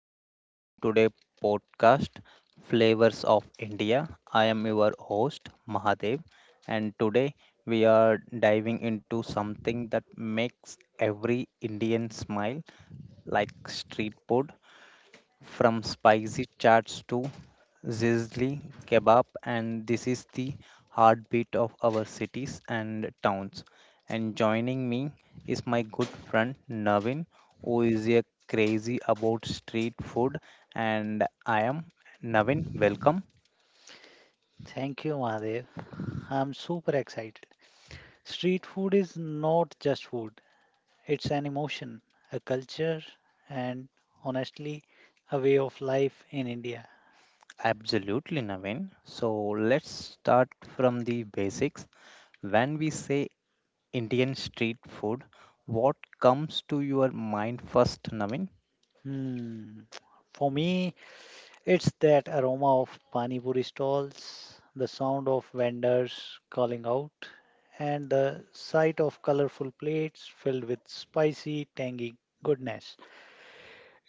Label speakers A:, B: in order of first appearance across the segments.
A: welcome to today's podcast Flavors of India. I am your host Mahadev and today we are diving into something that makes every Indian smile like street food from spicy chats to sizzling kebab and this is the heartbeat of our cities and towns and joining me is my good friend Navin who is a crazy about street food and I am Navin welcome
B: Thank you, Mahadev. I'm super excited. Street food is not just food, it's an emotion, a culture, and honestly, a way of life in India.
A: absolutely Navin so let's start from the basics when we say Indian street food what comes to your mind first Navin
B: Hmm. For me, it's that aroma of pani puri stalls, the sound of vendors calling out, and the sight of colorful plates filled with spicy, tangy goodness.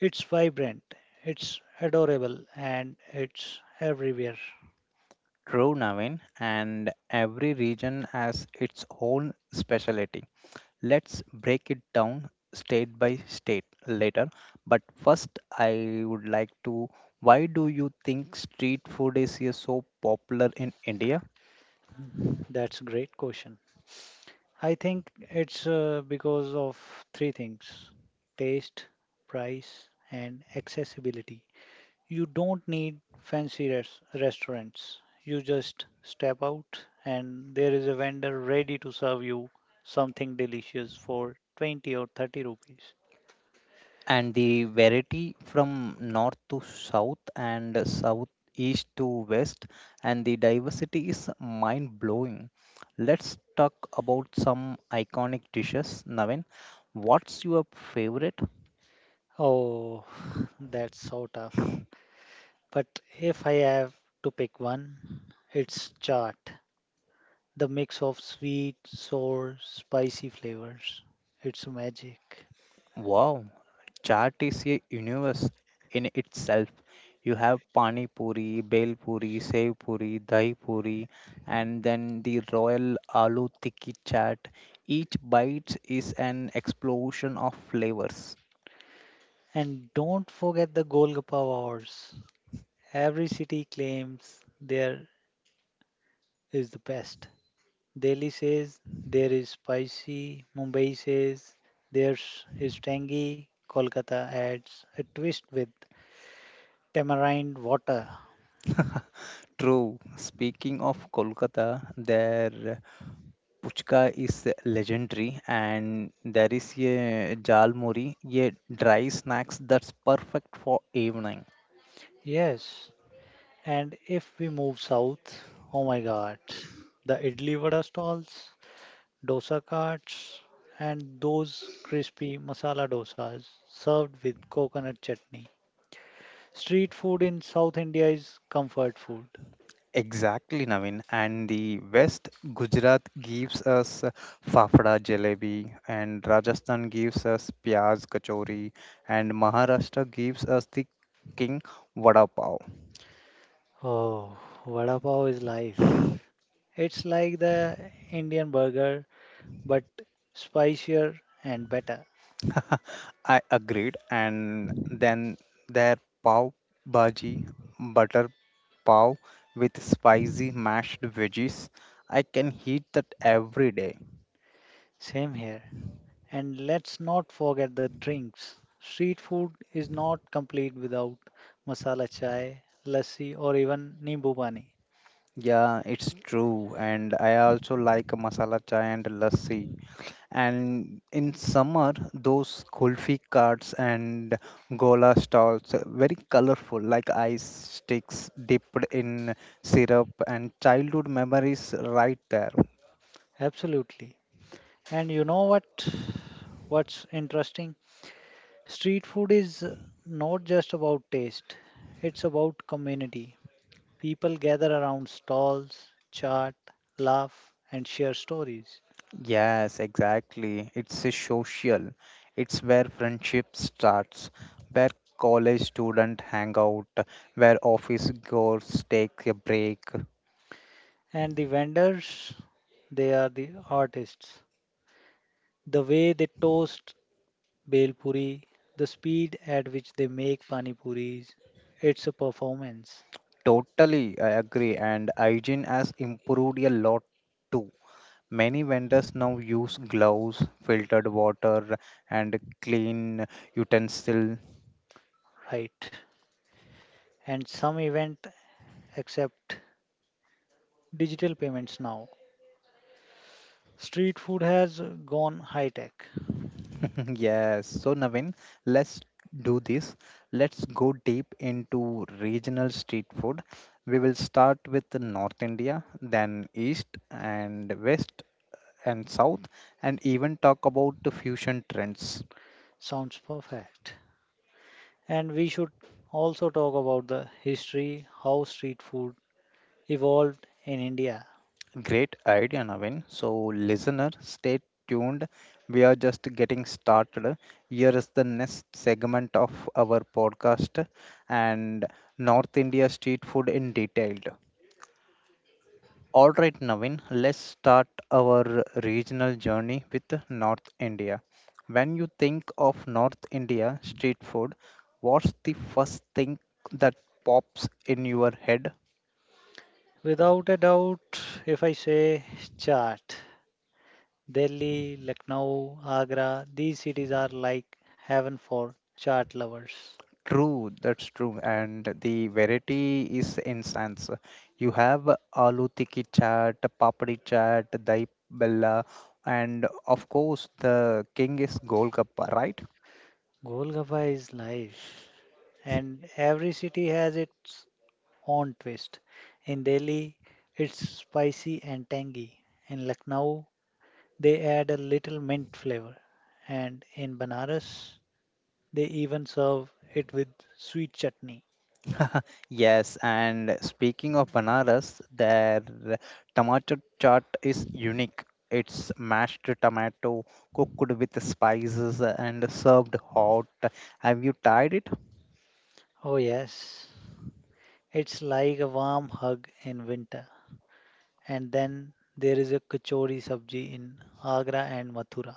B: It's vibrant, it's adorable, and it's everywhere.
A: True, Navin, and every region has its own specialty. Let's break it down state by state later. But first, I would like to why do you think street food is here so popular in India?
B: That's a great question. I think it's because of three things: taste, price, and accessibility. You don't need fancy restaurants. You just step out, and there is a vendor ready to serve you something delicious for 20 or 30 rupees.
A: And the variety from north to south and south east to west and the diversity is mind blowing let's talk about some iconic dishes navin what's your favorite
B: Oh, that's so tough. But if I have to pick one, it's chaat. The mix of sweet, sour, spicy flavors. It's magic.
A: Wow, chaat is a universe in itself. You have pani puri, bel puri, sev puri, dahi puri, and then the royal aloo tikki chaat. Each bite is an explosion of flavors.
B: And don't forget the Golgappa Awards. Every city claims there is the best. Delhi says there is spicy, Mumbai says theirs is tangy, Kolkata adds a twist with tamarind water.
A: True. Speaking of Kolkata, their puchka is legendary, and there is a jal muri, a dry snacks that's perfect for evening.
B: Yes, and if we move south, oh my god, the idli vada stalls, dosa carts, and those crispy masala dosas served with coconut chutney. Street food in South India is comfort food.
A: Exactly, Navin. And the West Gujarat gives us fafda jalebi, and Rajasthan gives us pyaz kachori, and Maharashtra gives us the king vada pav.
B: Oh, vada pav is life. It's like the Indian burger, but spicier and better.
A: I agreed. And then their pav bhaji, butter pav with spicy mashed veggies. I can eat that every day.
B: Same here. And let's not forget the drinks. Street food is not complete without masala chai, lassi, or even nimbu pani.
A: Yeah, it's true. And I also like masala chai and lassi. And in summer, those kulfi carts and gola stalls, very colorful, like ice sticks dipped in syrup and childhood memories right there.
B: Absolutely. And you know what? What's interesting? Street food is not just about taste, it's about community. People gather around stalls, chat, laugh, and share stories.
A: Yes, exactly. It's a social. It's where friendship starts, where college student hang out, where office girls take a break.
B: And the vendors, they are the artists. The way they toast bhel puri, the speed at which they make pani puris, it's a performance,
A: Totally, I agree. And hygiene has improved a lot too. Many vendors now use gloves, filtered water, and clean utensil.
B: right? And some event accept digital payments now. Street food has gone high tech.
A: yes. So, Navin, let's do this. Let's go deep into regional street food. We will start with the North India, then East and West and South, and even talk about the fusion trends.
B: Sounds perfect. And we should also talk about the history, how street food evolved in India.
A: Great idea, Navin. So, listener, stay tuned. We are just getting started. Here is the next segment of our podcast and North India street food in detail. All right, Navin, let's start our regional journey with North India. When you think of North India street food, what's the first thing that pops in your head?
B: Without a doubt, if I say chaat, Delhi, Lucknow, Agra, these cities are like heaven for chaat lovers.
A: True, that's true. And the variety is instance. You have aloo tikki chaat, papdi chaat, dahi bella, and of course the king is Golgappa, right?
B: Golgappa is life, and every city has its own twist. In Delhi, it's spicy and tangy. In Lucknow, they add a little mint flavor, and in Banaras, they even serve it with sweet chutney.
A: Yes, and speaking of Banaras, their tomato chaat is unique. It's mashed tomato cooked with spices and served hot. Have you tried it?
B: Oh, yes, it's like a warm hug in winter. And then there is a kachori sabji in Agra and Mathura.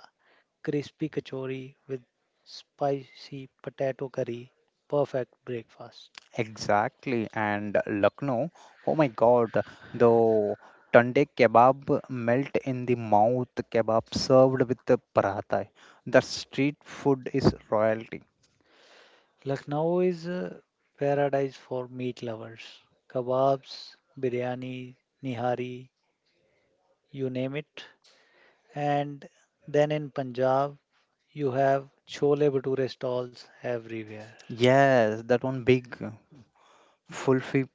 B: Crispy kachori with spicy potato curry, perfect breakfast.
A: Exactly, and Lucknow, oh my God, the tunde kebab melt in the mouth, kebab served with the paratha. The street food is royalty.
B: Lucknow is a paradise for meat lovers. Kebabs, biryani, nihari, you name it. And then in Punjab, you have chole bhature stalls everywhere.
A: Yes, that one big Fulfi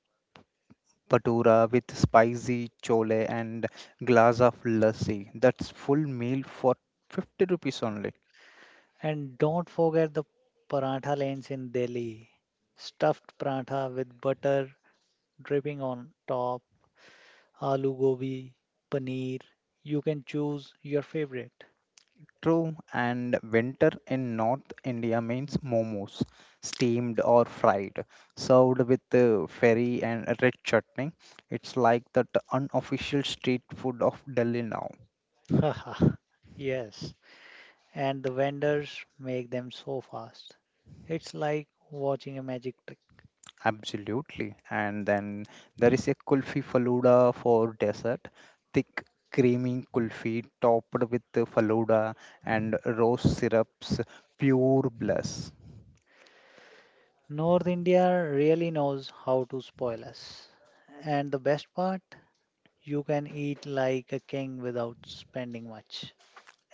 A: patura with spicy chole and glass of lassi. That's full meal for 50 rupees only.
B: And don't forget the parantha lanes in Delhi. Stuffed parantha with butter dripping on top, aloo gobi, paneer. You can choose your favorite.
A: True, and winter in North India means momos, steamed or fried, served with ferry and red chutney. It's like that unofficial street food of Delhi now.
B: Haha, yes. And the vendors make them so fast. It's like watching a magic trick.
A: Absolutely. And then there is a kulfi faluda for dessert, thick, creamy kulfi topped with the faluda and rose syrups, pure bliss.
B: North India really knows how to spoil us. And the best part? You can eat like a king without spending much.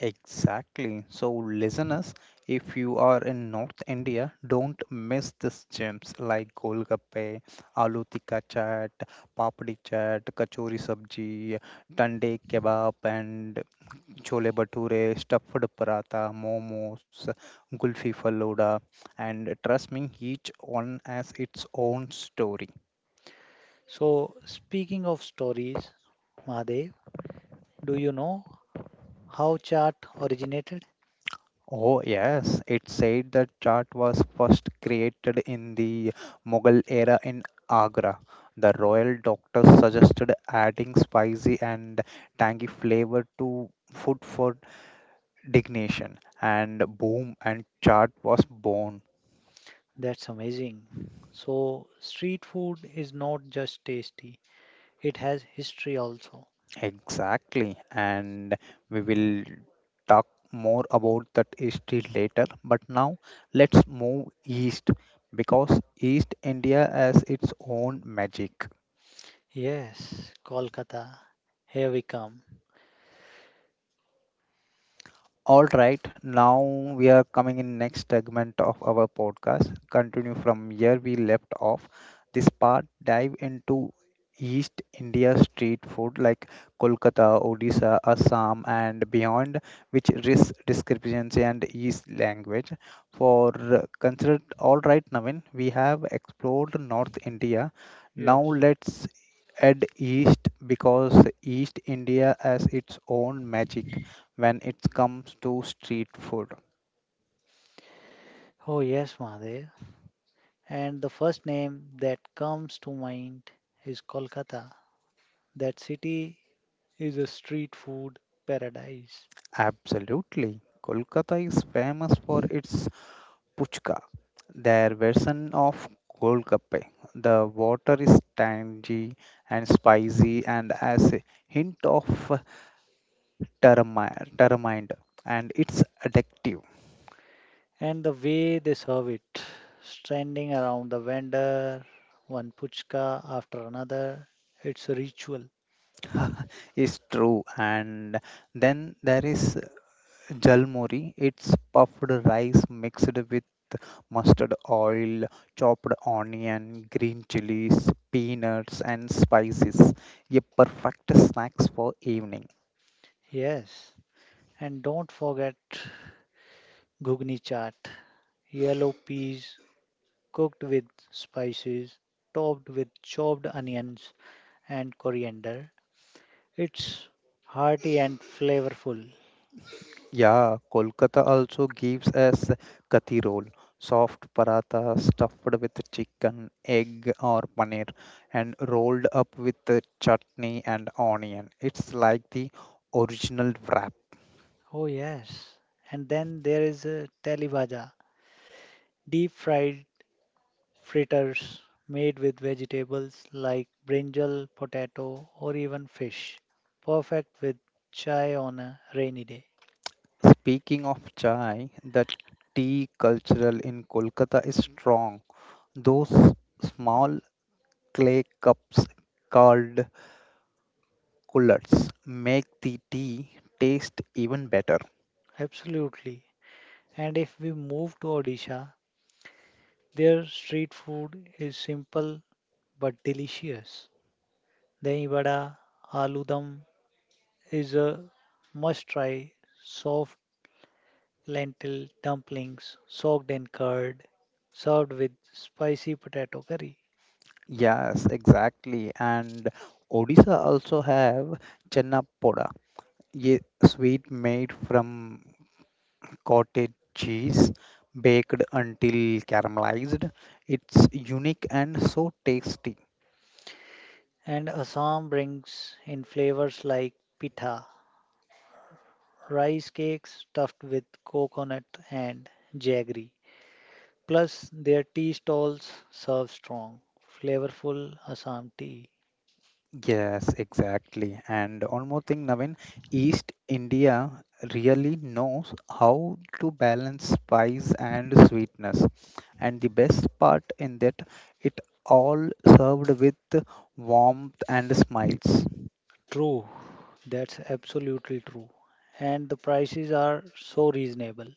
A: Exactly. So, listeners, if you are in North India, don't miss these gems like Golgappe, Aloo Tikka Chaat, Papdi Chaat, Kachori Sabji, Tande Kebab, and Chole Bhature, Stuffed Paratha, Momos, Gulfi Faluda. And trust me, each one has its own story.
B: So, speaking of stories, Mahadev, do you know how chaat originated?
A: Oh, yes. It said the chart was first created in the Mughal era in Agra. The royal doctors suggested adding spicy and tangy flavor to food for dignation, and boom, and chart was born.
B: That's amazing. So, street food is not just tasty, it has history also.
A: Exactly. And we will talk more about that history later, but now let's move east because East India has its own magic.
B: Yes, Kolkata, here we come.
A: All right, now we are coming in next segment of our podcast. Continue from where we left off. This part dive into East India street food like Kolkata, Odisha, Assam, and beyond, which risk discrepancy and East language. For considered, all right, Navin, we have explored North India. Now
B: Yes.
A: let's add East because East India has its own magic when it comes to street food.
B: Oh, yes, Mahadev. And the first name that comes to mind is Kolkata. That city is a street food paradise.
A: Absolutely. Kolkata is famous for its puchka, their version of golgappe. The water is tangy and spicy and has a hint of tamarind and it's addictive.
B: And the way they serve it, standing around the vendor, one puchka after another, it's a ritual.
A: It's true. And then there is jalmori. It's puffed rice mixed with mustard oil, chopped onion, green chilies, peanuts, and spices. A perfect snacks for evening.
B: Yes. And don't forget ghugni chaat, yellow peas cooked with spices, topped with chopped onions and coriander. It's hearty and flavorful.
A: Yeah, Kolkata also gives us kathi roll, soft paratha stuffed with chicken, egg, or paneer, and rolled up with the chutney and onion. It's like the original wrap.
B: Oh, yes. And then there is a teli bhaja, deep fried fritters made with vegetables like brinjal, potato, or even fish. Perfect with chai on a rainy day.
A: Speaking of chai, the tea cultural in Kolkata is strong. Those small clay cups called coolers make the tea taste even better.
B: Absolutely. And if we move to Odisha, their street food is simple but delicious. Dahi vada, aloo dum is a must try. Soft lentil dumplings soaked in curd, served with spicy potato curry.
A: Yes, exactly. And Odisha also have chennapoda, a sweet made from cottage cheese baked until caramelized. It's unique and so tasty.
B: And Assam brings in flavors like pitha, rice cakes stuffed with coconut and jaggery. Plus, their tea stalls serve strong, flavorful Assam tea.
A: Yes, exactly. And one more thing, Navin, East India really knows how to balance spice and sweetness. And the best part in that, it all served with warmth and smiles.
B: True. That's absolutely true. And the prices are so reasonable.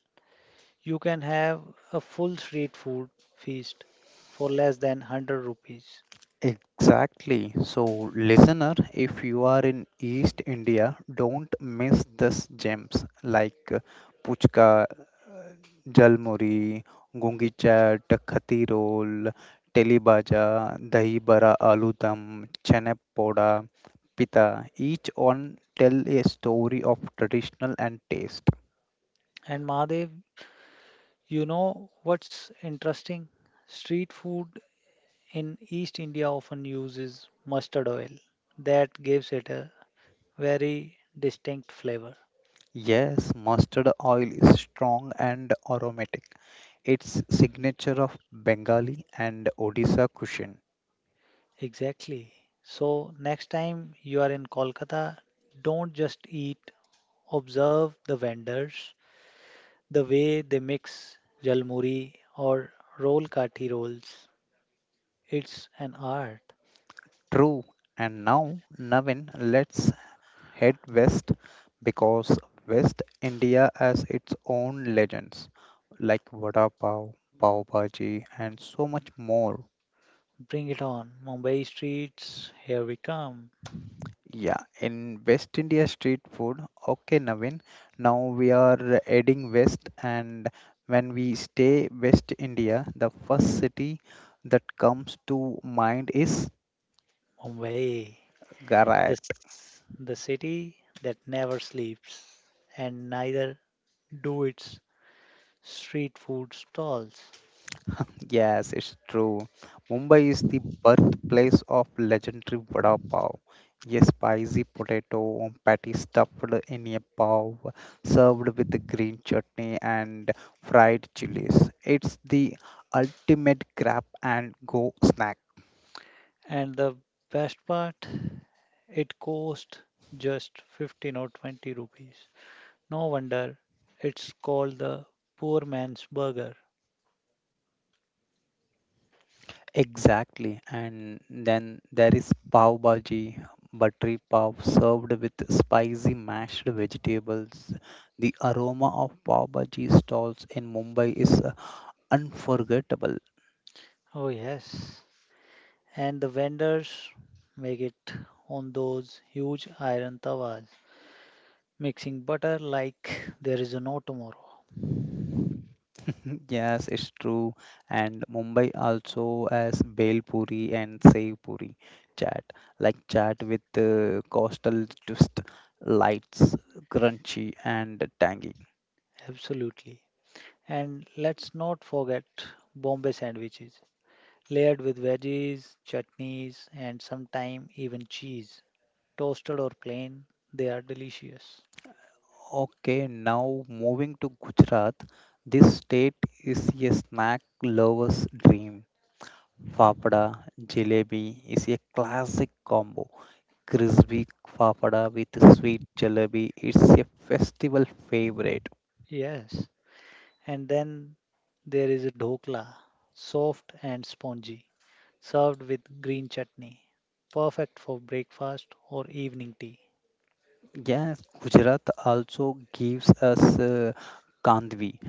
B: You can have a full street food feast for less than 100 rupees.
A: Exactly. So, listener, if you are in East India, don't miss these gems like Puchka, Jalmuri, Gungi Chat, Khati Roll, Teli Baja, Dahi Bara Aloo Dum, Chenep Poda, Pita. Each one tell a story of traditional and taste.
B: And Mahadev, you know what's interesting? Street food in East India often uses mustard oil. That gives it a very distinct flavor.
A: Yes, mustard oil is strong and aromatic. It's signature of Bengali and Odisha cuisine.
B: Exactly. So, next time you are in Kolkata, don't just eat, observe the vendors, the way they mix jalmuri or roll kati rolls. It's an art.
A: True. And now, Navin, let's head west because West India has its own legends like vada pav, pav bhaji, and so much more.
B: Bring it on. Mumbai streets, here we come.
A: Yeah, in West India street food. Okay, Navin. Now we are adding West, and when we stay West India, the first city that comes to mind is
B: Mumbai, the,
A: Garak.
B: s- the city that never sleeps, and neither do its street food stalls.
A: Yes, it's true. Mumbai is the birthplace of legendary vada pav, a spicy potato patty stuffed in a pav, served with green chutney and fried chilies. It's the ultimate grab and go snack.
B: And the best part, it cost just 15 or 20 rupees. No wonder it's called the poor man's burger.
A: Exactly. And then there is pav bhaji, buttery pav served with spicy mashed vegetables. The aroma of pav bhaji stalls in Mumbai is unforgettable.
B: Oh, yes. And the vendors make it on those huge iron tawas, mixing butter like there is no tomorrow.
A: yes, it's true. And Mumbai also has Bel Puri and Sev Puri chaat, like chaat with coastal twist, lights, crunchy and tangy.
B: Absolutely. And let's not forget Bombay sandwiches, layered with veggies, chutneys, and sometimes even cheese. Toasted or plain, they are delicious.
A: Okay, now moving to Gujarat. This state is a snack lover's dream. Fapada jalebi is a classic combo. Crispy fapada with sweet jalebi is a festival favorite.
B: Yes, and then there is a dhokla, soft and spongy, served with green chutney, perfect for breakfast or evening tea.
A: Yes, Gujarat also gives us kandvi,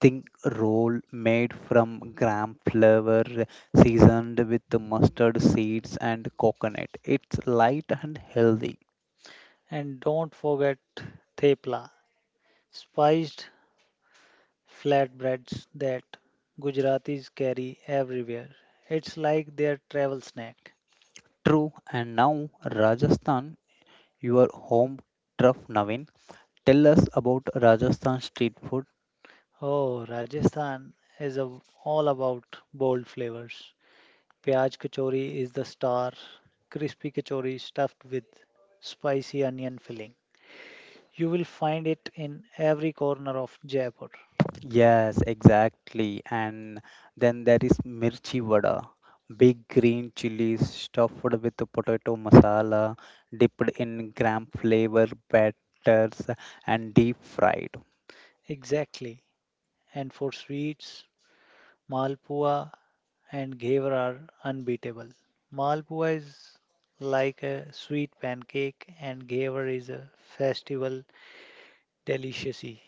A: think roll made from gram flour, seasoned with mustard seeds and coconut. It's light and healthy.
B: And don't forget thepla, spiced flatbreads that Gujaratis carry everywhere. It's like their travel snack.
A: True. And now Rajasthan, your home turf, Navin. Tell us about Rajasthan street food.
B: Oh, Rajasthan is, a, all about bold flavors. Pyaj kachori is the star, crispy kachori stuffed with spicy onion filling. You will find it in every corner of Jaipur.
A: Yes, exactly. And then there is mirchi vada, big green chilies stuffed with the potato masala, dipped in gram flavor batters and deep fried.
B: Exactly. And for sweets, Malpua and Ghevar are unbeatable. Malpua is like a sweet pancake, and Ghevar is a festival delicacy.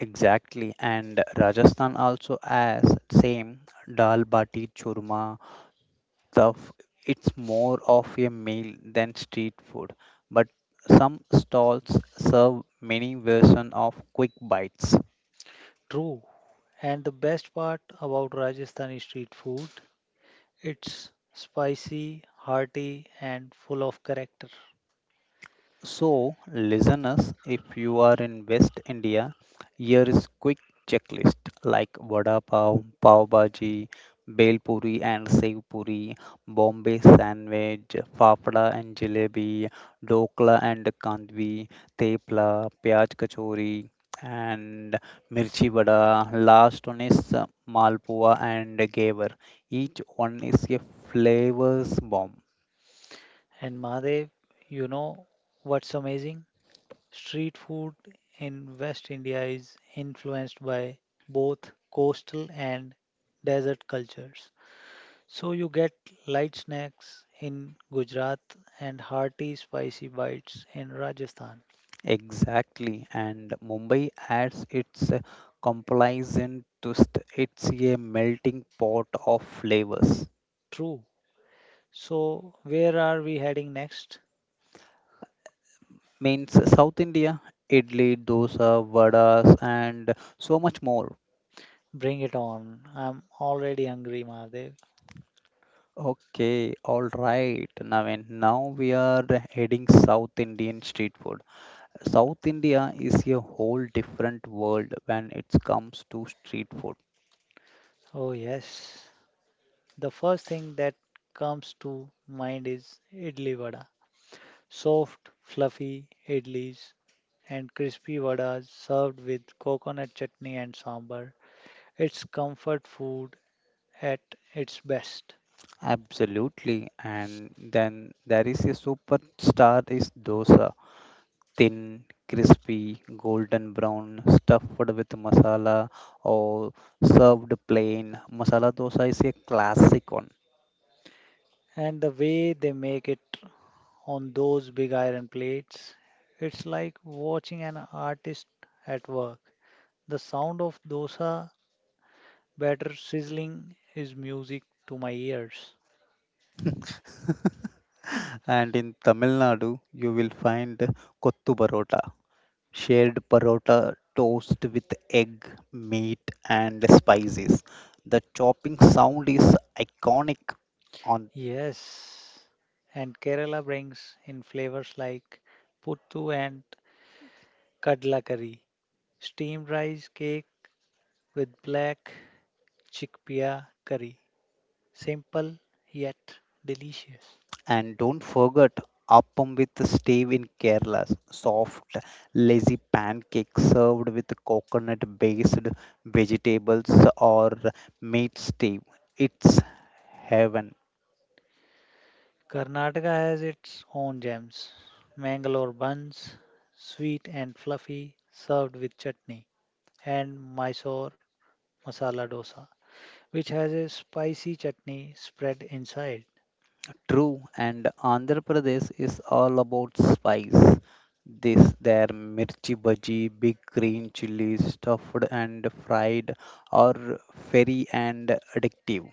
A: Exactly. And Rajasthan also has same dal bati churma stuff. It's more of a meal than street food, but some stalls serve many version of quick bites.
B: True. And the best part about Rajasthani street food, it's spicy, hearty, and full of character.
A: So, listeners, if you are in West India, here is quick checklist like vada pav, pav bhaji, bel puri and sev puri, Bombay sandwich, fafda and jalebi, dokla and kandvi, tepla, pyaj kachori and mirchi vada. Last one is malpua and gaver. Each one is a flavors bomb.
B: And Mahadev, you know what's amazing? Street food in West India is influenced by both coastal and desert cultures. So you get light snacks in Gujarat and hearty, spicy bites in Rajasthan.
A: Exactly, and Mumbai adds its complacent twist. It's a melting pot of flavors.
B: True. So where are we heading next?
A: Means South India, idli, dosa, vadas, and so much more.
B: Bring it on. I'm already hungry, Mahadev.
A: Okay, all right, Navin. Now we are heading South Indian street food. South India is a whole different world when it comes to street food.
B: Oh, yes. The first thing that comes to mind is idli vada. Soft, fluffy idlis and crispy vadas served with coconut chutney and sambar. It's comfort food at its best.
A: Absolutely, and then there is a superstar is dosa. Thin, crispy, golden brown, stuffed with masala or served plain. Masala dosa is a classic one.
B: And the way they make it on those big iron plates, it's like watching an artist at work. The sound of dosa better sizzling is music to my ears.
A: And in Tamil Nadu, you will find kottu parota, shared parota toast with egg, meat, and spices. The chopping sound is iconic on.
B: Yes, and Kerala brings in flavors like puttu and kadla curry, steamed rice cake with black chickpea curry. Simple yet delicious.
A: And don't forget appam with steve in Kerala. Soft, lazy pancake served with coconut based vegetables or meat stew. It's heaven.
B: Karnataka has its own gems. Mangalore buns, sweet and fluffy, served with chutney, and Mysore masala dosa, which has a spicy chutney spread inside.
A: True, and Andhra Pradesh is all about spice. This their mirchi bhaji, big green chilies, stuffed and fried, are very and addictive.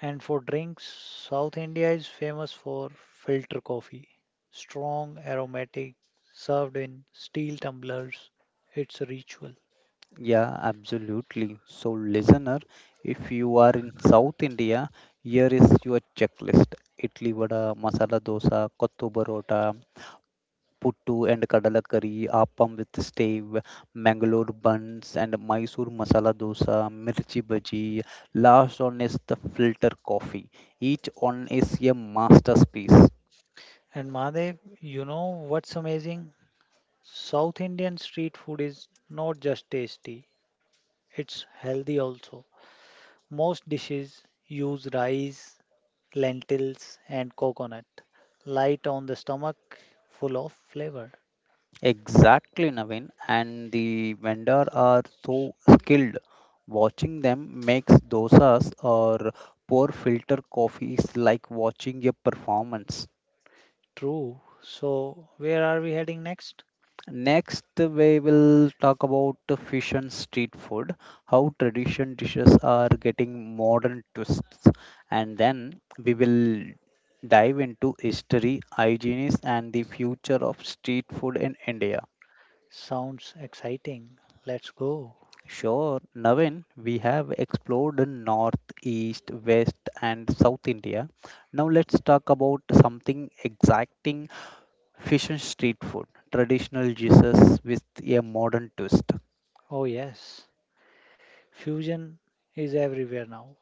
B: And for drinks, South India is famous for filter coffee, strong, aromatic, served in steel tumblers. It's a ritual.
A: Yeah, absolutely. So, listener, if you are in South India, here is your checklist: idli vada, masala dosa, kottu parota, puttu and kadala curry, appam with stave, Mangalore buns and Mysore masala dosa, mirchi bhaji. Last one is the filter coffee. Each one is a masterpiece.
B: And Mahadev, you know what's amazing? South Indian street food is not just tasty, it's healthy also. Most dishes use rice, lentils, and coconut, light on the stomach, full of flavor.
A: Exactly, Naveen. And the vendor are so skilled. Watching them makes dosas or pour filter coffees like watching a performance.
B: True. So, where are we heading next?
A: Next, we will talk about the fish and street food, how tradition dishes are getting modern twists, and then we will dive into history, hygiene, and the future of street food in India.
B: Sounds exciting. Let's go.
A: Sure, Navin, we have explored the north, east, west, and south India. Now let's talk about something exacting fusion street food, traditional dishes with a modern twist.
B: Oh, yes. Fusion is everywhere now.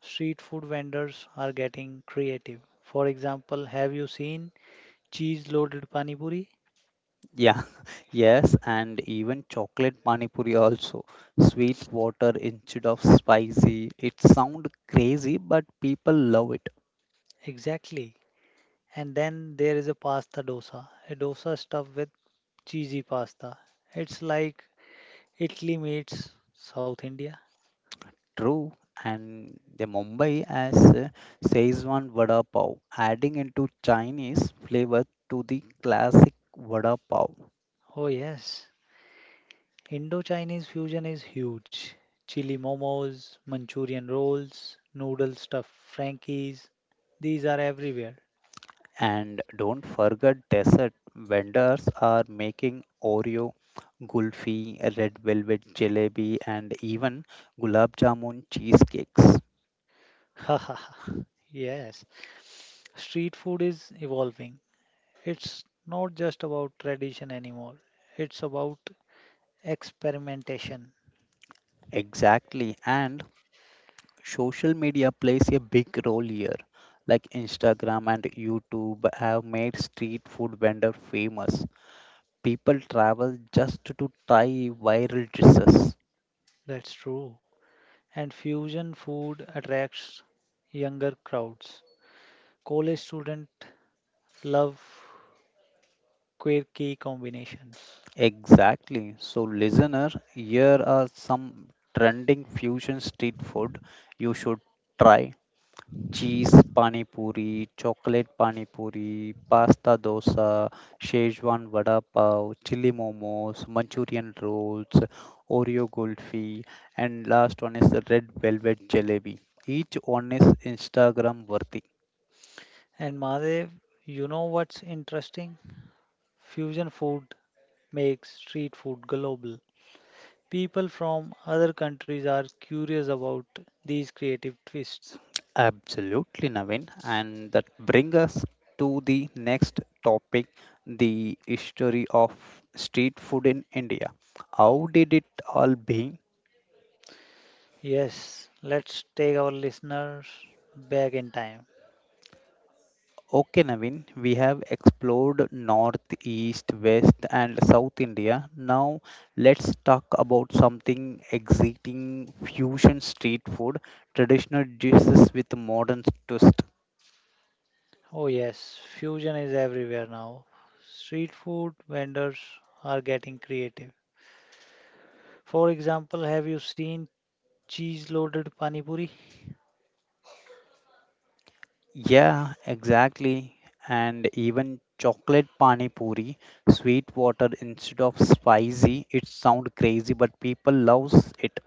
B: Street food vendors are getting creative. For example, have you seen cheese loaded pani puri?
A: Yeah, yes, and even chocolate pani puri also. Sweet water instead of spicy. It sounds crazy, but people love it.
B: Exactly. And then there is a pasta dosa, a dosa stuffed with cheesy pasta. It's like Italy meets South India.
A: True, and the Mumbai as Szechuan vada pav, adding into Chinese flavor to the classic vada pav.
B: Oh, yes. Indo-Chinese fusion is huge. Chili momos, Manchurian rolls, noodle stuffed Frankies, these are everywhere.
A: And don't forget dessert. Vendors are making Oreo, Gulfi, red velvet jalebi, and even gulab jamun cheesecakes.
B: Yes. Street food is evolving. It's not just about tradition anymore. It's about experimentation.
A: Exactly, and social media plays a big role here. Like Instagram and YouTube have made street food vendor famous. People travel just to try viral dishes.
B: That's true. And fusion food attracts younger crowds. College students love quirky combinations.
A: Exactly. So, listener, here are some trending fusion street food you should try. Cheese pani puri, chocolate pani puri, pasta dosa, Szechuan vada pav, chili momos, Manchurian rolls, Oreo kulfi, and last one is the red velvet jalebi. Each one is Instagram worthy.
B: And Madev, you know what's interesting? Fusion food makes street food global. People from other countries are curious about these creative twists.
A: Absolutely, Navin. And that brings us to the next topic the history of street food in India. How did it all begin?
B: Yes, let's take our listeners back in time.
A: Okay, Navin, we have explored north, east, west, and south India. Now, let's talk about something exciting fusion street food, traditional dishes with modern twist.
B: Oh, yes, fusion is everywhere now. Street food vendors are getting creative. For example, have you seen cheese loaded pani puri?
A: Yeah, exactly. And even chocolate pani puri, sweet water instead of spicy. It sound crazy, but people loves it.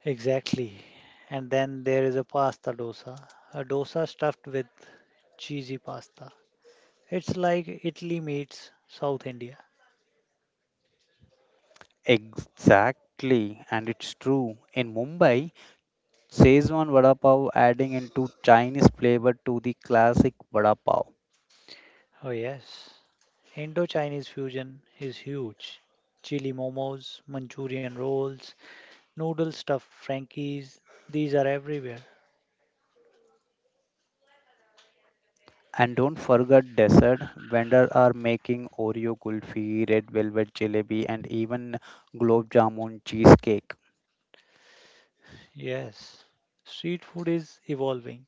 B: Exactly. And then there is a pasta dosa, a dosa stuffed with cheesy pasta. It's like Italy meets South India.
A: Exactly, and it's true. In Mumbai, Szechuan vada pav adding into Chinese flavor to the classic vada pav.
B: Oh, yes. Indo Chinese fusion is huge. Chili momos, Manchurian rolls, noodle stuffed Frankies, these are everywhere.
A: And don't forget dessert. Vendors are making Oreo kulfi, red velvet jalebi, and even globe jamun cheesecake.
B: Yes. Street food is evolving.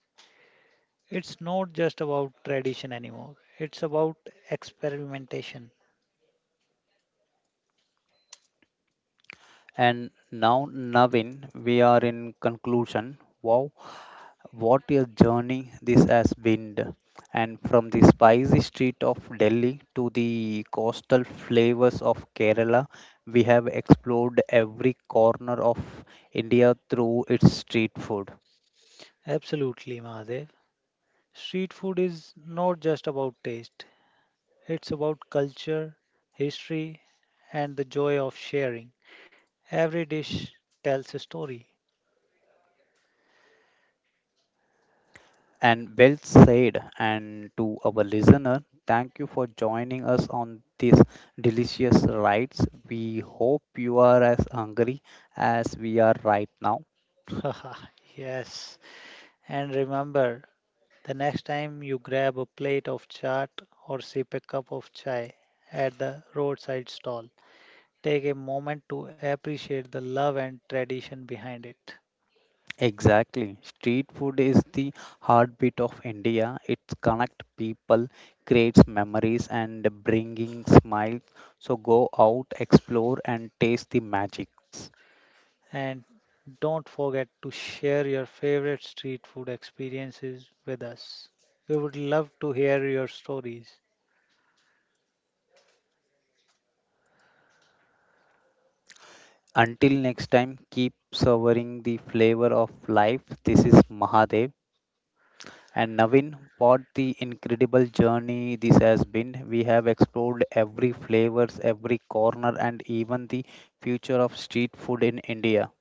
B: It's not just about tradition anymore, it's about experimentation.
A: And now, Navin, we are in conclusion. Wow, what a journey this has been! And from the spicy street of Delhi to the coastal flavors of Kerala, we have explored every corner of India through its street food.
B: Absolutely, Mahadev. Street food is not just about taste, it's about culture, history, and the joy of sharing. Every dish tells a story.
A: And well said. And to our listener, thank you for joining us on these delicious rides. We hope you are as hungry as we are right now.
B: Yes. And remember, the next time you grab a plate of chaat or sip a cup of chai at the roadside stall, take a moment to appreciate the love and tradition behind it.
A: Exactly. Street food is the heartbeat of India. It connects people, creates memories, and bringing smiles. So go out, explore, and taste the magics.
B: And don't forget to share your favorite street food experiences with us. We would love to hear your stories.
A: Until next time, keep savoring the flavor of life. This is Mahadev. And Navin, what the incredible journey this has been. We have explored every flavors, every corner, and even the future of street food in India.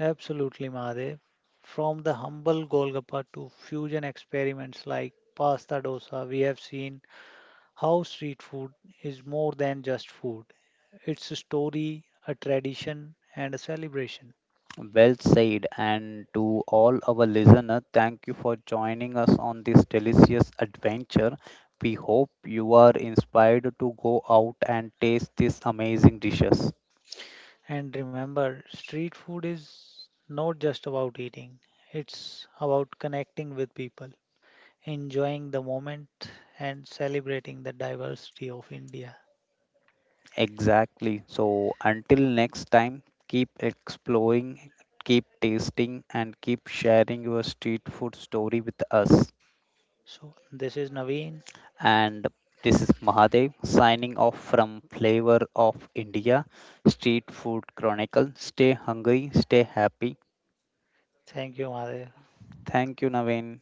B: Absolutely, Mahadev. From the humble Golgappa to fusion experiments like pasta dosa, we have seen how street food is more than just food. It's a story, a tradition, and a celebration.
A: Well said, and to all our listeners, thank you for joining us on this delicious adventure. We hope you are inspired to go out and taste these amazing dishes.
B: And remember, street food is not just about eating, it's about connecting with people, enjoying the moment and celebrating the diversity of India.
A: Exactly. So, until next time, keep exploring, keep tasting, and keep sharing your street food story with us.
B: So this is Naveen.
A: And this is Mahadev signing off from Flavor of India Street Food Chronicle. Stay hungry, stay happy.
B: Thank you, Madhav.
A: Thank you, Naveen.